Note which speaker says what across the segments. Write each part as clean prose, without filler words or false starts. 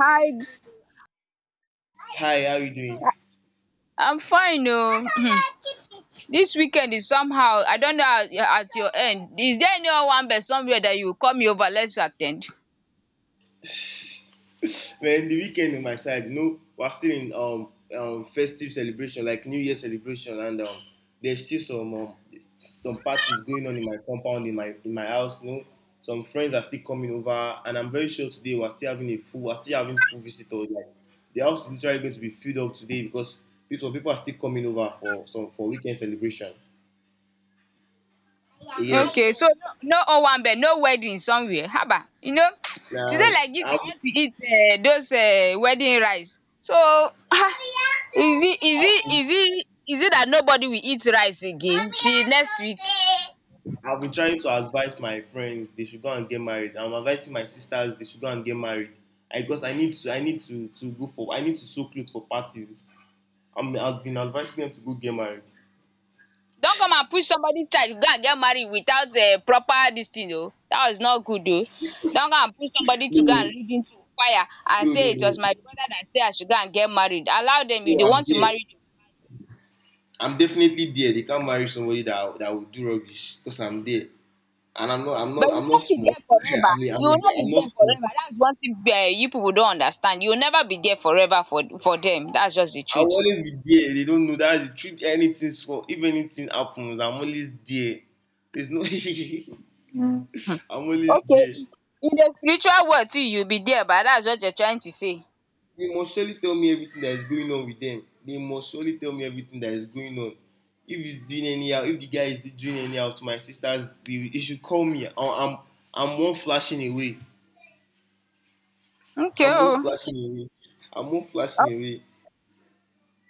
Speaker 1: Hi.
Speaker 2: Hi, how you doing?
Speaker 1: I'm fine oh. This weekend is somehow. I don't know how at your end. Is there any Owambe somewhere that you call me over? Let's attend.
Speaker 2: Man, the weekend on my side, you know, we're still in festive celebration, like New Year celebration, and there's still some parties going on in my compound, in my house. You know, some friends are still coming over, and I'm very sure today we're still having full visitors. Like the house is literally going to be filled up today because people are still coming over for some for weekend celebration. Yeah,
Speaker 1: Okay, so no Owambe, no wedding somewhere. Haba, today
Speaker 2: now
Speaker 1: like this, I
Speaker 2: I've,
Speaker 1: want to eat those wedding rice. So ah, is it is
Speaker 2: I've
Speaker 1: it
Speaker 2: been
Speaker 1: is it is it that nobody will eat rice again till next week?
Speaker 2: I've been trying to advise my friends they should go and get married. I'm advising my sisters they should go and get married. Because I need to go for I need to sew clothes for parties. I've been advising them to go get married.
Speaker 1: Don't come and push somebody's child to go and get married without proper dis thing oo, that is not good oo. Don't go and push somebody to go and
Speaker 2: No,
Speaker 1: lead into fire and
Speaker 2: no,
Speaker 1: say
Speaker 2: no,
Speaker 1: it
Speaker 2: no.
Speaker 1: was my brother that say I should go and get married. Allow dem if
Speaker 2: No,
Speaker 1: they
Speaker 2: I'm
Speaker 1: want to
Speaker 2: there.
Speaker 1: marry you.
Speaker 2: I'm definitely there. They can't marry somebody that will do rubbish because I'm there. And I'm not I'm not
Speaker 1: But you
Speaker 2: I'm
Speaker 1: no
Speaker 2: not
Speaker 1: be
Speaker 2: small.
Speaker 1: there
Speaker 2: I
Speaker 1: forever,
Speaker 2: mean
Speaker 1: you no be
Speaker 2: I'm not
Speaker 1: there
Speaker 2: small.
Speaker 1: forever. That's one thing you people don't understand. You will never be there forever for dem. That's just the
Speaker 2: I'll
Speaker 1: truth
Speaker 2: always be there. They don't know that's the truth. Anything small, if anything happens, I'm always there. There's no.
Speaker 1: um
Speaker 2: I'm always
Speaker 1: okay,
Speaker 2: there.
Speaker 1: in the spiritual world too you be there ba. That's what you're trying to say.
Speaker 2: They must surely tell me everything that is going on with them. They must surely tell me everything that is going on. If he's doing anyhow, if the guy is doing anyhow to my sisters, they should call me. I'm more flashing away.
Speaker 1: Okay
Speaker 2: I'm more
Speaker 1: oo.
Speaker 2: flashing away. I'm more flashing away.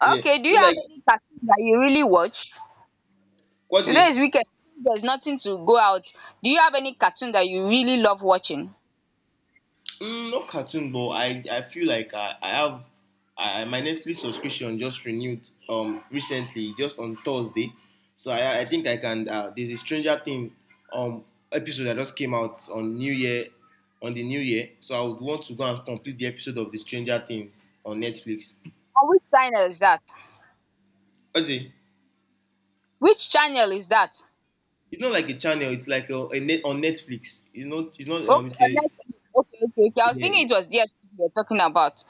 Speaker 2: Yeah.
Speaker 1: Okay, do
Speaker 2: So
Speaker 1: you
Speaker 2: like,
Speaker 1: have any cartoon that you really watch?
Speaker 2: what's
Speaker 1: Today
Speaker 2: it?
Speaker 1: is weekend. Since there's nothing to go out, do you have any cartoon that you really love watching? On
Speaker 2: Not cartoon, but I feel like my Netflix subscription just renewed recently, just on Thursday. So I think I can. There's a Stranger Thing um episode that just came out on New Year, on the New Year. So I would want to go and complete the episode of the Stranger Things on Netflix.
Speaker 1: which channel is that?
Speaker 2: What's it?
Speaker 1: Which channel is that?
Speaker 2: It's not like a channel. It's like a net on Netflix. You know, it's not
Speaker 1: Okay,
Speaker 2: it's a
Speaker 1: on
Speaker 2: yeah.
Speaker 1: Netflix. Okay, okay, okay. I was thinking
Speaker 2: Yeah.
Speaker 1: it was DSTV you're talking about.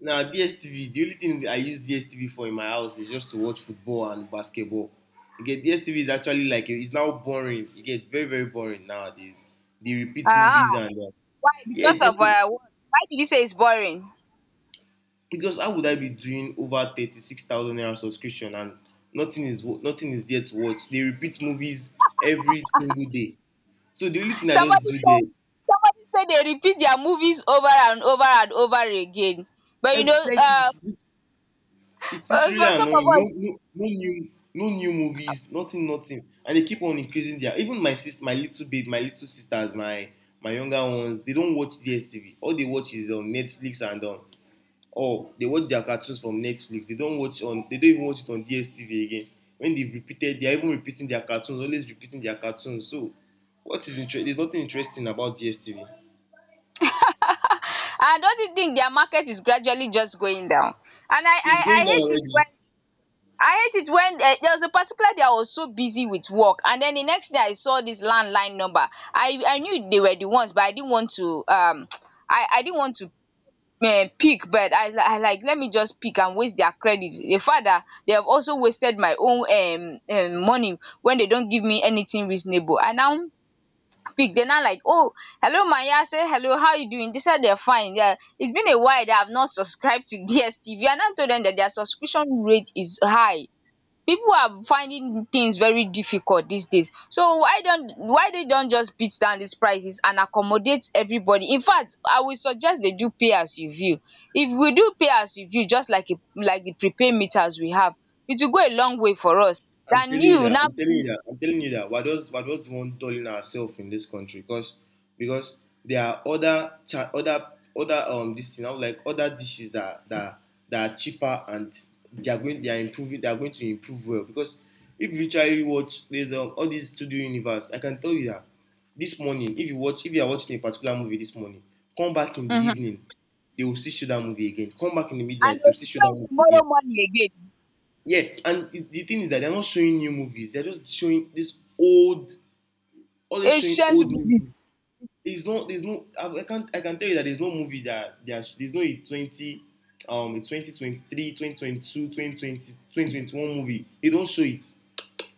Speaker 2: Now DSTV, the only thing I use DSTV for in my house is just to watch football and basketball. You get, DSTV is actually like it's now boring. You get very very boring nowadays. They repeat
Speaker 1: Ah,
Speaker 2: movies and
Speaker 1: why?
Speaker 2: yeah,
Speaker 1: Because of
Speaker 2: DSTV.
Speaker 1: what? Why did you say it's boring?
Speaker 2: Because how would I be doing over 36,000 naira subscription and nothing is nothing is there to watch. They repeat movies every single day. So the only thing I just
Speaker 1: Somebody
Speaker 2: do
Speaker 1: said
Speaker 2: there,
Speaker 1: somebody said they repeat their movies over and over and over again. But you know,
Speaker 2: like
Speaker 1: uh,
Speaker 2: it's it's really
Speaker 1: for some of
Speaker 2: annoying. No,
Speaker 1: us,
Speaker 2: no, no new movies. Nothing, nothing. And they keep on increasing their. Even my sister, my little babe, my little sisters, my younger ones, they don't watch DSTV. All they watch is on Netflix and on. Oh, they watch their cartoons from Netflix. They don't watch on. They don't even watch it on DSTV again. When they've repeated, they are even repeating their cartoons. Always repeating their cartoons. So, what is interesting? There's nothing interesting about DSTV.
Speaker 1: I don't you think their market is gradually just going down? And
Speaker 2: It's
Speaker 1: I
Speaker 2: going down
Speaker 1: hate it when
Speaker 2: already.
Speaker 1: I hate it when there was a particular day I was so busy with work, and then the next day I saw this landline number. I knew they were the ones, but I didn't want to I didn't want to pick, but I like let me just pick and waste their credit. The fact that they have also wasted my own money when they don't give me anything reasonable. I now pick. They're not like, oh, hello Maya, say hello, how you doing? They said they're fine. Yeah, it's been a while that I've not subscribed to DSTV. I now told them that their subscription rate is high. People are finding things very difficult these days, so why they don't just beat down these prices and accommodate everybody. In fact, I will suggest they do pay as you view. If we do pay as you view, just like like the prepaid meters we have, it will go a long way for us
Speaker 2: I'm
Speaker 1: than
Speaker 2: telling you
Speaker 1: you
Speaker 2: that.
Speaker 1: now
Speaker 2: I'm telling you that. I'm telling you that. We're just the one telling ourselves in this country because because there are other this thing, like other dishes, that are cheaper, and they are going, they are improving, they are going to improve well because if you literally watch, there's all these Studio Universe. I can tell you that this morning, if you watch if you are watching a particular movie this morning, come back in the
Speaker 1: um
Speaker 2: evening, they will still show that movie again, come back in the
Speaker 1: and
Speaker 2: midnight,
Speaker 1: dey
Speaker 2: they will
Speaker 1: will
Speaker 2: still show that
Speaker 1: fail
Speaker 2: movie
Speaker 1: tomorrow
Speaker 2: again.
Speaker 1: morning again.
Speaker 2: Yeah, and the thing is that they're not showing new movies. They're just showing this old, always showing
Speaker 1: Ancient
Speaker 2: old movies.
Speaker 1: movies.
Speaker 2: There's no, there's no. I can't, I can tell you that there's no movie there's no a 20, a 2023, 2022, 2020, 2021 movie. They don't show it.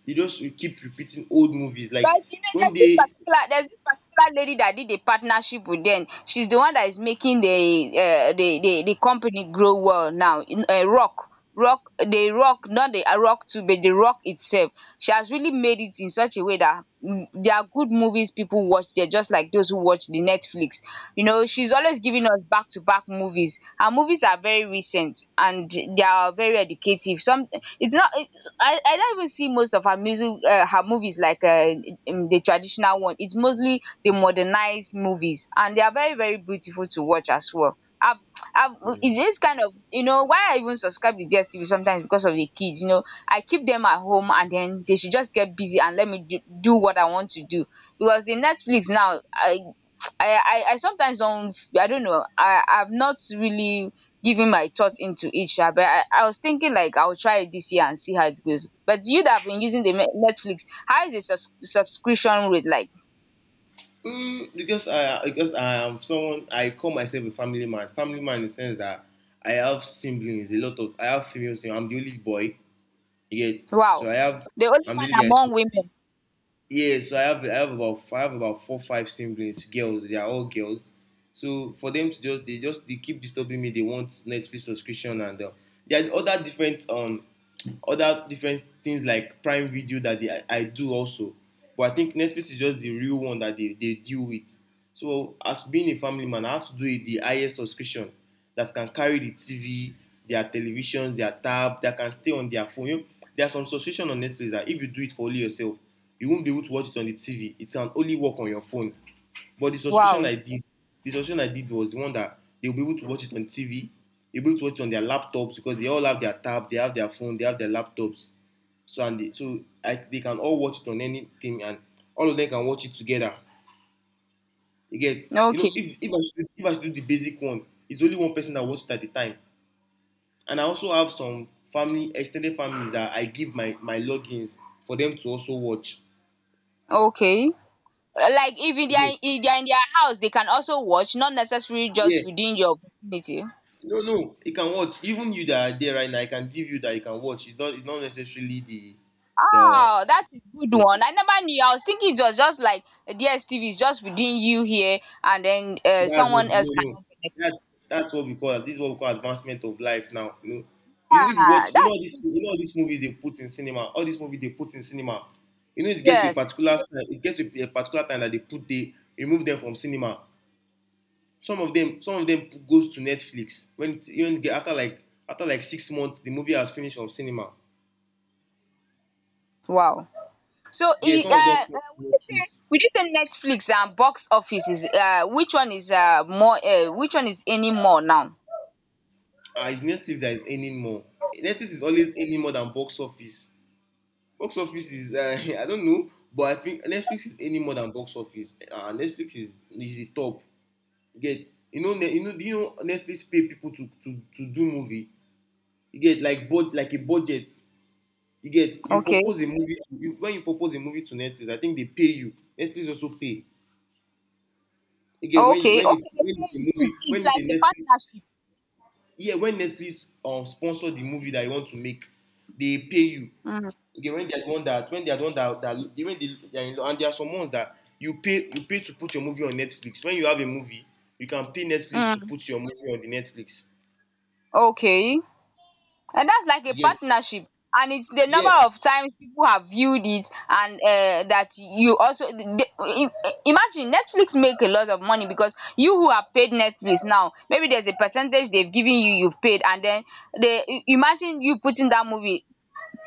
Speaker 2: They just keep repeating old movies. Like, don't
Speaker 1: There's this
Speaker 2: they?
Speaker 1: particular there's this particular lady that did a partnership with them. She's the one that is making the company grow well now. In Rock, the Rock, not the Rock too, but the Rock itself. She has really made it in such a way that there are good movies people watch. They're just like those who watch the Netflix. She's always giving us back to back movies. Her movies are very recent and they are very educative. Some it's not I don't even see most of her her movies like the traditional one. It's mostly the modernized movies, and they are very very beautiful to watch as well. I've it's just kind of why I even subscribe to DSTV sometimes because of the kids. You know, I keep them at home, and then they should just get busy and let me do what I want to do because the Netflix now I sometimes don't. I don't know. I've not really giving my thought into it sha, but I was thinking like I'll try it this year and see how it goes. But you that have been using the Netflix, how is the subscription rate like?
Speaker 2: Because I am someone. I call myself a family man. Family man in the sense that I have siblings. A lot of I have female siblings. I'm the only boy. You get, so
Speaker 1: Wow. The only
Speaker 2: I'm
Speaker 1: man
Speaker 2: really only guy.
Speaker 1: among women.
Speaker 2: Yeah, so I have about four five siblings, girls. They are all girls. So for them to just they keep disturbing me. They want Netflix subscription and there are other different things like Prime Video that I do also, but I think Netflix is just the real one that they deal with. So as being a family man, I have to do a the highest subscription that can carry the TV, their television, their tab, that can stay on their phone. You know, there are some subscription on Netflix that if you do it for only yourself, you won't be able to watch it on the TV. It can only work on your phone. But the subscription
Speaker 1: Wow.
Speaker 2: I did, the subscription I did was the one that they'll be able to watch it on TV, they'll be able to watch it on their laptops because they all have their tab, they have their phone, they have their laptops. So and they can all watch it on anything, and all of them can watch it together. You get, you know,
Speaker 1: Okay.
Speaker 2: if I should do the basic one, it's only one person that watches it at the time. And I also have some family, extended families, that I give my logins for them to also watch.
Speaker 1: Okay. Like if they are in their house, they can also watch, not necessarily
Speaker 2: Yeah,
Speaker 1: just within your vicinity.
Speaker 2: no, no, you can watch. Even you that are there right now, I can give you that you can watch. It's not necessarily the,
Speaker 1: Oh, that's a good one. I never knew. I was thinking it was just like DSTV is just within you here, and then
Speaker 2: that's not
Speaker 1: someone
Speaker 2: the,
Speaker 1: else
Speaker 2: no, no.
Speaker 1: cannot connect.
Speaker 2: That, that's what we call, this is what we call advancement of life now. You know, if you
Speaker 1: Ah,
Speaker 2: watch, you know, all
Speaker 1: that's
Speaker 2: this,
Speaker 1: good.
Speaker 2: you know, all these movies they put in cinema, all these movies they put in cinema, you know, it gets to a
Speaker 1: Yes.
Speaker 2: particular time that they remove them from cinema. Some of them goes to Netflix when get after like 6 months, the movie has finished on cinema.
Speaker 1: Wow. So,
Speaker 2: Yeah, some of them come
Speaker 1: would
Speaker 2: to
Speaker 1: you say
Speaker 2: Netflix.
Speaker 1: would you say Netflix and box office is which one is more, which one is any more now?
Speaker 2: Ah, it's Netflix that is earning more. Netflix is always earning more than box office. Box office is I don't know, but I think Netflix is earning more than box office. Netflix is the top. You get, you know, do you know Netflix pay people to do movie. You get, like a budget. You get, you
Speaker 1: Okay.
Speaker 2: propose a movie to, you, when you propose a movie to Netflix, I think they pay you. Netflix also pay. Again, when you
Speaker 1: Okay.
Speaker 2: when it's
Speaker 1: Okay.
Speaker 2: when it's a movie,
Speaker 1: It's
Speaker 2: when
Speaker 1: it's
Speaker 2: it's a
Speaker 1: like a
Speaker 2: Netflix,
Speaker 1: partnership.
Speaker 2: yeah, when Netflix sponsor the movie that you want to make, they pay you.
Speaker 1: Mm.
Speaker 2: Okay, when there's one that when there's one that that when they are in law, and there are some ones that you pay to put your movie on Netflix. When you have a movie, you can pay Netflix to
Speaker 1: Mm.
Speaker 2: put your movie on the Netflix.
Speaker 1: Okay. And that's like a
Speaker 2: Yeah,
Speaker 1: partnership. And it's the
Speaker 2: yeah.
Speaker 1: number of times people have viewed it, and that you also imagine Netflix make a lot of money because you who have paid Netflix now, maybe there's a percentage they've given you, you've paid, and then they imagine you putting that movie.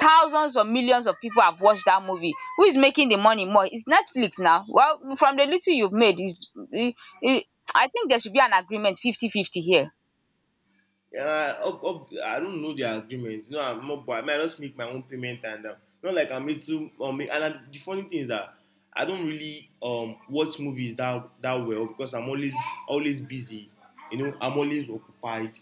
Speaker 1: Thousands or millions of people have watched that movie. Who is making the money more? It's Netflix now. Well, from the little you've made, is I I think there should be an agreement 50 50 here.
Speaker 2: I don't know the agreement. No, I'm not. But I might just make my own payment and not like I'm into. And the funny thing is that I don't really watch movies that well because I'm always always busy. You know, I'm always occupied.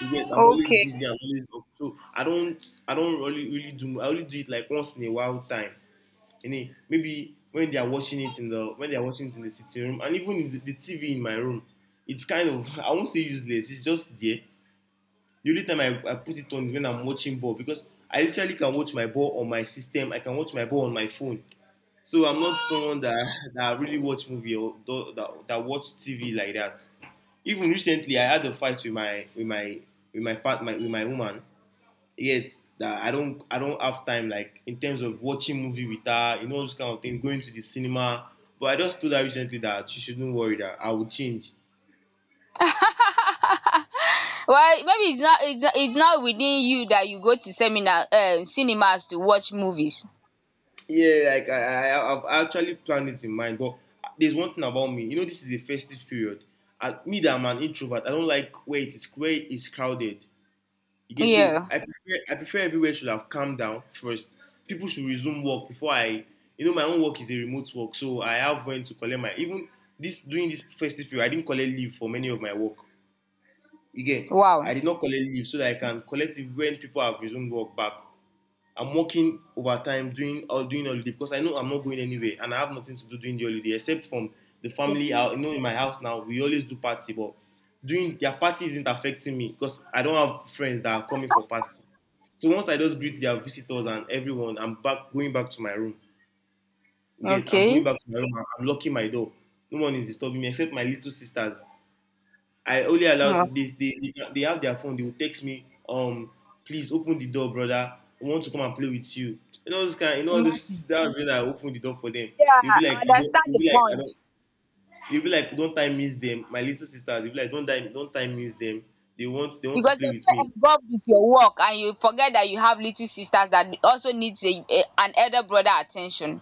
Speaker 2: Yes, I'm always busy.
Speaker 1: Okay.
Speaker 2: I'm always up. So I don't really, really do. I only do it like once in a while time. And then maybe when they are watching it in the, when they are watching it in the sitting room, and even in the TV in my room, it's kind of, I won't say useless. It's just there. The only time I put it on is when I'm watching ball because I literally can watch my ball on my system. I can watch my ball on my phone. So I'm not someone that really watch movie or do, that watch TV like that. Even recently, I had a fight with my woman. Yet that I don't have time like in terms of watching movie with her, you know this kind of thing, going to the cinema. But I just told her recently that she shouldn't worry that I will change.
Speaker 1: Well, maybe it's not within you that you go to seminar cinemas to watch movies.
Speaker 2: Yeah, like I've actually planned it in mind. But there's one thing about me, you know, this is a festive period. I, me that I'm an introvert, I don't like where it's crowded. You get so
Speaker 1: Yeah.
Speaker 2: I prefer everywhere should have calmed down first. People should resume work before I you know my own work is a remote work, so I have when to collect my even this during this festive period I didn't collect leave for many of my work. Again,
Speaker 1: Wow.
Speaker 2: I did not collect leave so that I can collect it when people have resumed work back. I'm working overtime doing holiday because I know I'm not going anywhere and I have nothing to do during the holiday except from the
Speaker 1: Yeah,
Speaker 2: family out. You know, in my house now we always do party, but doing their party isn't affecting me because I don't have friends that are coming for party. So once I just greet their visitors and everyone, I'm back going back to my room. Again, I'm going
Speaker 1: okay.
Speaker 2: back to my room. I'm locking my door. No one is disturbing me except my little sisters. I only
Speaker 1: Oh,
Speaker 2: allowed they
Speaker 1: mm.
Speaker 2: they they they have their phone. They will text me, please open the door, brother. I want to come and play with you. You know this kind. You know this.
Speaker 1: Imagine.
Speaker 2: That was when I opened the door for them. They'll
Speaker 1: Yeah,
Speaker 2: be
Speaker 1: I
Speaker 2: like,
Speaker 1: understand the
Speaker 2: I
Speaker 1: point
Speaker 2: don't. They'll be like, don't time miss them. My little sisters. They'll be like, don't time miss them. They want to
Speaker 1: because
Speaker 2: play with
Speaker 1: you're so
Speaker 2: me.
Speaker 1: involved with your work, and you forget that you have little sisters that also needs an elder brother attention.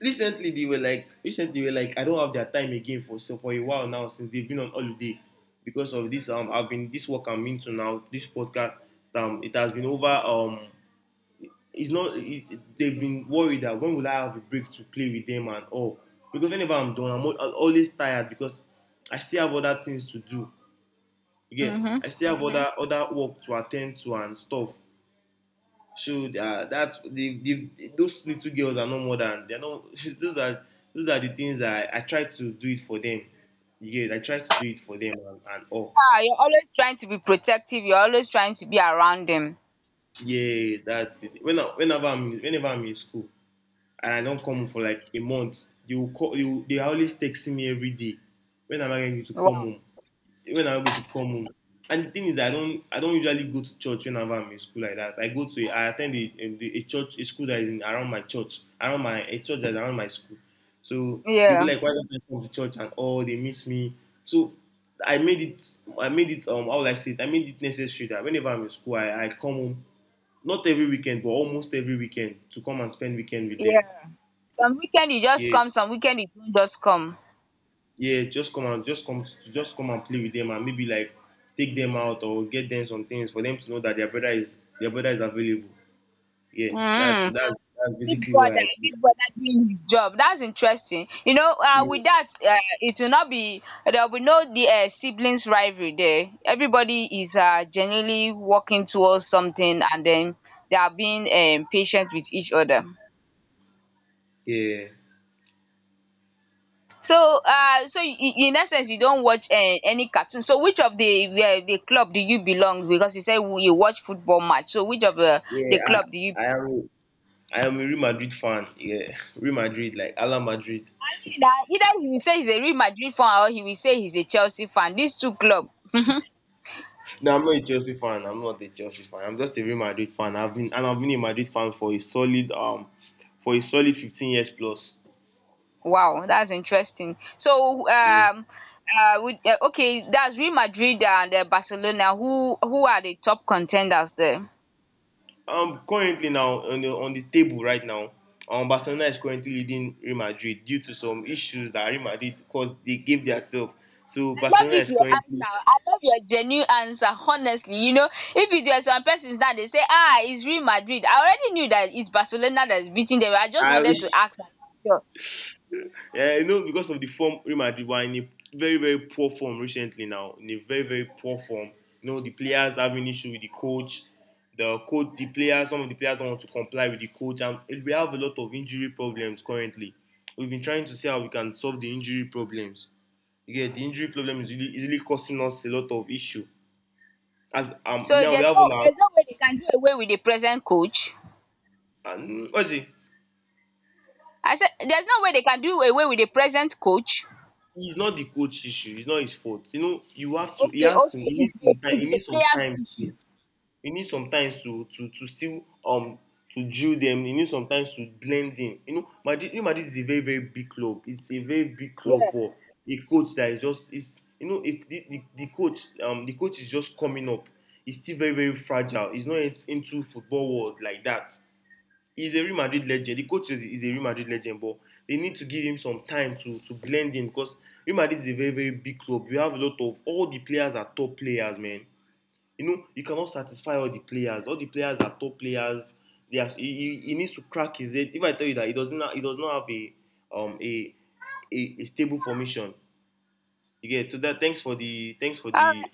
Speaker 2: Recently, recently they were like, I don't have their time again for so for a while now since they've been on holiday because of this. I've been this work I'm into now. This podcast. It has been over. It's not it, they've been worried that when will I have a break to play with them and all because whenever I'm done I'm always tired because I still have other things to do, yeah.
Speaker 1: Mm-hmm.
Speaker 2: I still have, other work to attend to and stuff. So that's the those little girls are no more than they're no. Those are those are the things that I try to do it for them, yeah, I try to do it for them and, all.
Speaker 1: Ah, you're always trying to be protective. You're always trying to be around them.
Speaker 2: Yeah, that's the thing. Whenever I'm in school and I don't come home for like a month, they will call you they are always texting me every day. When am I going to come
Speaker 1: Wow.
Speaker 2: home? When am I going to come home? And the thing is I don't usually go to church whenever I'm in school like that. I attend a church a school that is in, around my church, around my a church that's around my school. So they'll be
Speaker 1: Yeah,
Speaker 2: like, why don't I come to church? And oh they miss me. So I made it how would I say it? I made it necessary that whenever I'm in school I come home not every weekend but almost every weekend to come and spend weekend with them.
Speaker 1: yeah, some weekend you just
Speaker 2: Yeah.
Speaker 1: come, some weekend you don't just come.
Speaker 2: Yeah, just come, just come and play with them and maybe like take them out or get them some things for them to know that their brother is available. Yeah,
Speaker 1: Mm.
Speaker 2: that's
Speaker 1: Big
Speaker 2: basically what
Speaker 1: brother,
Speaker 2: I
Speaker 1: big brother doing his job. That's interesting.
Speaker 2: do.
Speaker 1: With that, it will not be there will be no the siblings rivalry there. Everybody is genuinely working towards something, and then they are being patient with each other.
Speaker 2: Yeah,
Speaker 1: So, in essence, you don't watch any cartoon. So, which of the club do you belong? Because you said you watch football match. So, which of the
Speaker 2: yeah,
Speaker 1: club do you
Speaker 2: I am I am a Real Madrid fan. Yeah, Real Madrid, like Ala Madrid.
Speaker 1: either he will say he's a Real Madrid fan or he will say he's a Chelsea fan. These two club.
Speaker 2: No, I'm not a Chelsea fan. I'm not a Chelsea fan. I'm just a Real Madrid fan. I've been a Madrid fan for a solid 15 years plus.
Speaker 1: Wow, that's interesting. So
Speaker 2: Yeah.
Speaker 1: would okay, that's Real Madrid and Barcelona. Who are the top contenders there?
Speaker 2: Currently now on on the table right now, Barcelona is currently leading Real Madrid due to some issues that Real Madrid caused. They gave themselves. So
Speaker 1: I love
Speaker 2: Barcelona
Speaker 1: this
Speaker 2: is
Speaker 1: your answer.
Speaker 2: currently,
Speaker 1: I love your genuine answer. Honestly, if it were some persons now they say, ah, it's Real Madrid. I already knew that it's Barcelona that's beating them. I just
Speaker 2: I,
Speaker 1: wanted to ask. And sure.
Speaker 2: yeah, you know, because of the form Real Madrid were in a very very poor form recently, now in a very very poor form. You know, the players having issue with the coach. The coach, the players, some of the players don't want to comply with the coach, and we have a lot of injury problems currently. We've been trying to see how we can solve the injury problems. Yeah, the injury problem is really causing us a lot of issue. As
Speaker 1: So
Speaker 2: now we
Speaker 1: there's
Speaker 2: have all
Speaker 1: no
Speaker 2: our,
Speaker 1: there's no way they can do away with the present coach.
Speaker 2: and what is it?
Speaker 1: I said there's no way they can do away with the present coach.
Speaker 2: It's not the coach issue. It's not his fault. You know, you have to. He
Speaker 1: Okay,
Speaker 2: has to.
Speaker 1: okay,
Speaker 2: He needs
Speaker 1: it's
Speaker 2: some
Speaker 1: the
Speaker 2: time. He
Speaker 1: it's the
Speaker 2: needs some
Speaker 1: players'
Speaker 2: time to.
Speaker 1: issues.
Speaker 2: He needs some time to still to drill them. He needs some time to blend in. You know, Madrid. You know, Madrid is a very very big club. It's a very big club
Speaker 1: Yes.
Speaker 2: for a coach that is just is. You know, if the coach the coach is just coming up. He's still very very fragile. He's not yet into football world like that. He's a Real Madrid legend. The coach is a Real Madrid legend, but they need to give him some time to blend in because Real Madrid is a very, very big club. We have a lot of all the players are top players, man. You know, you cannot satisfy all the players. All the players are top players. They are, needs to crack his head. If I tell you that he does not have a um a a stable formation. You get it? So that thanks for the
Speaker 1: All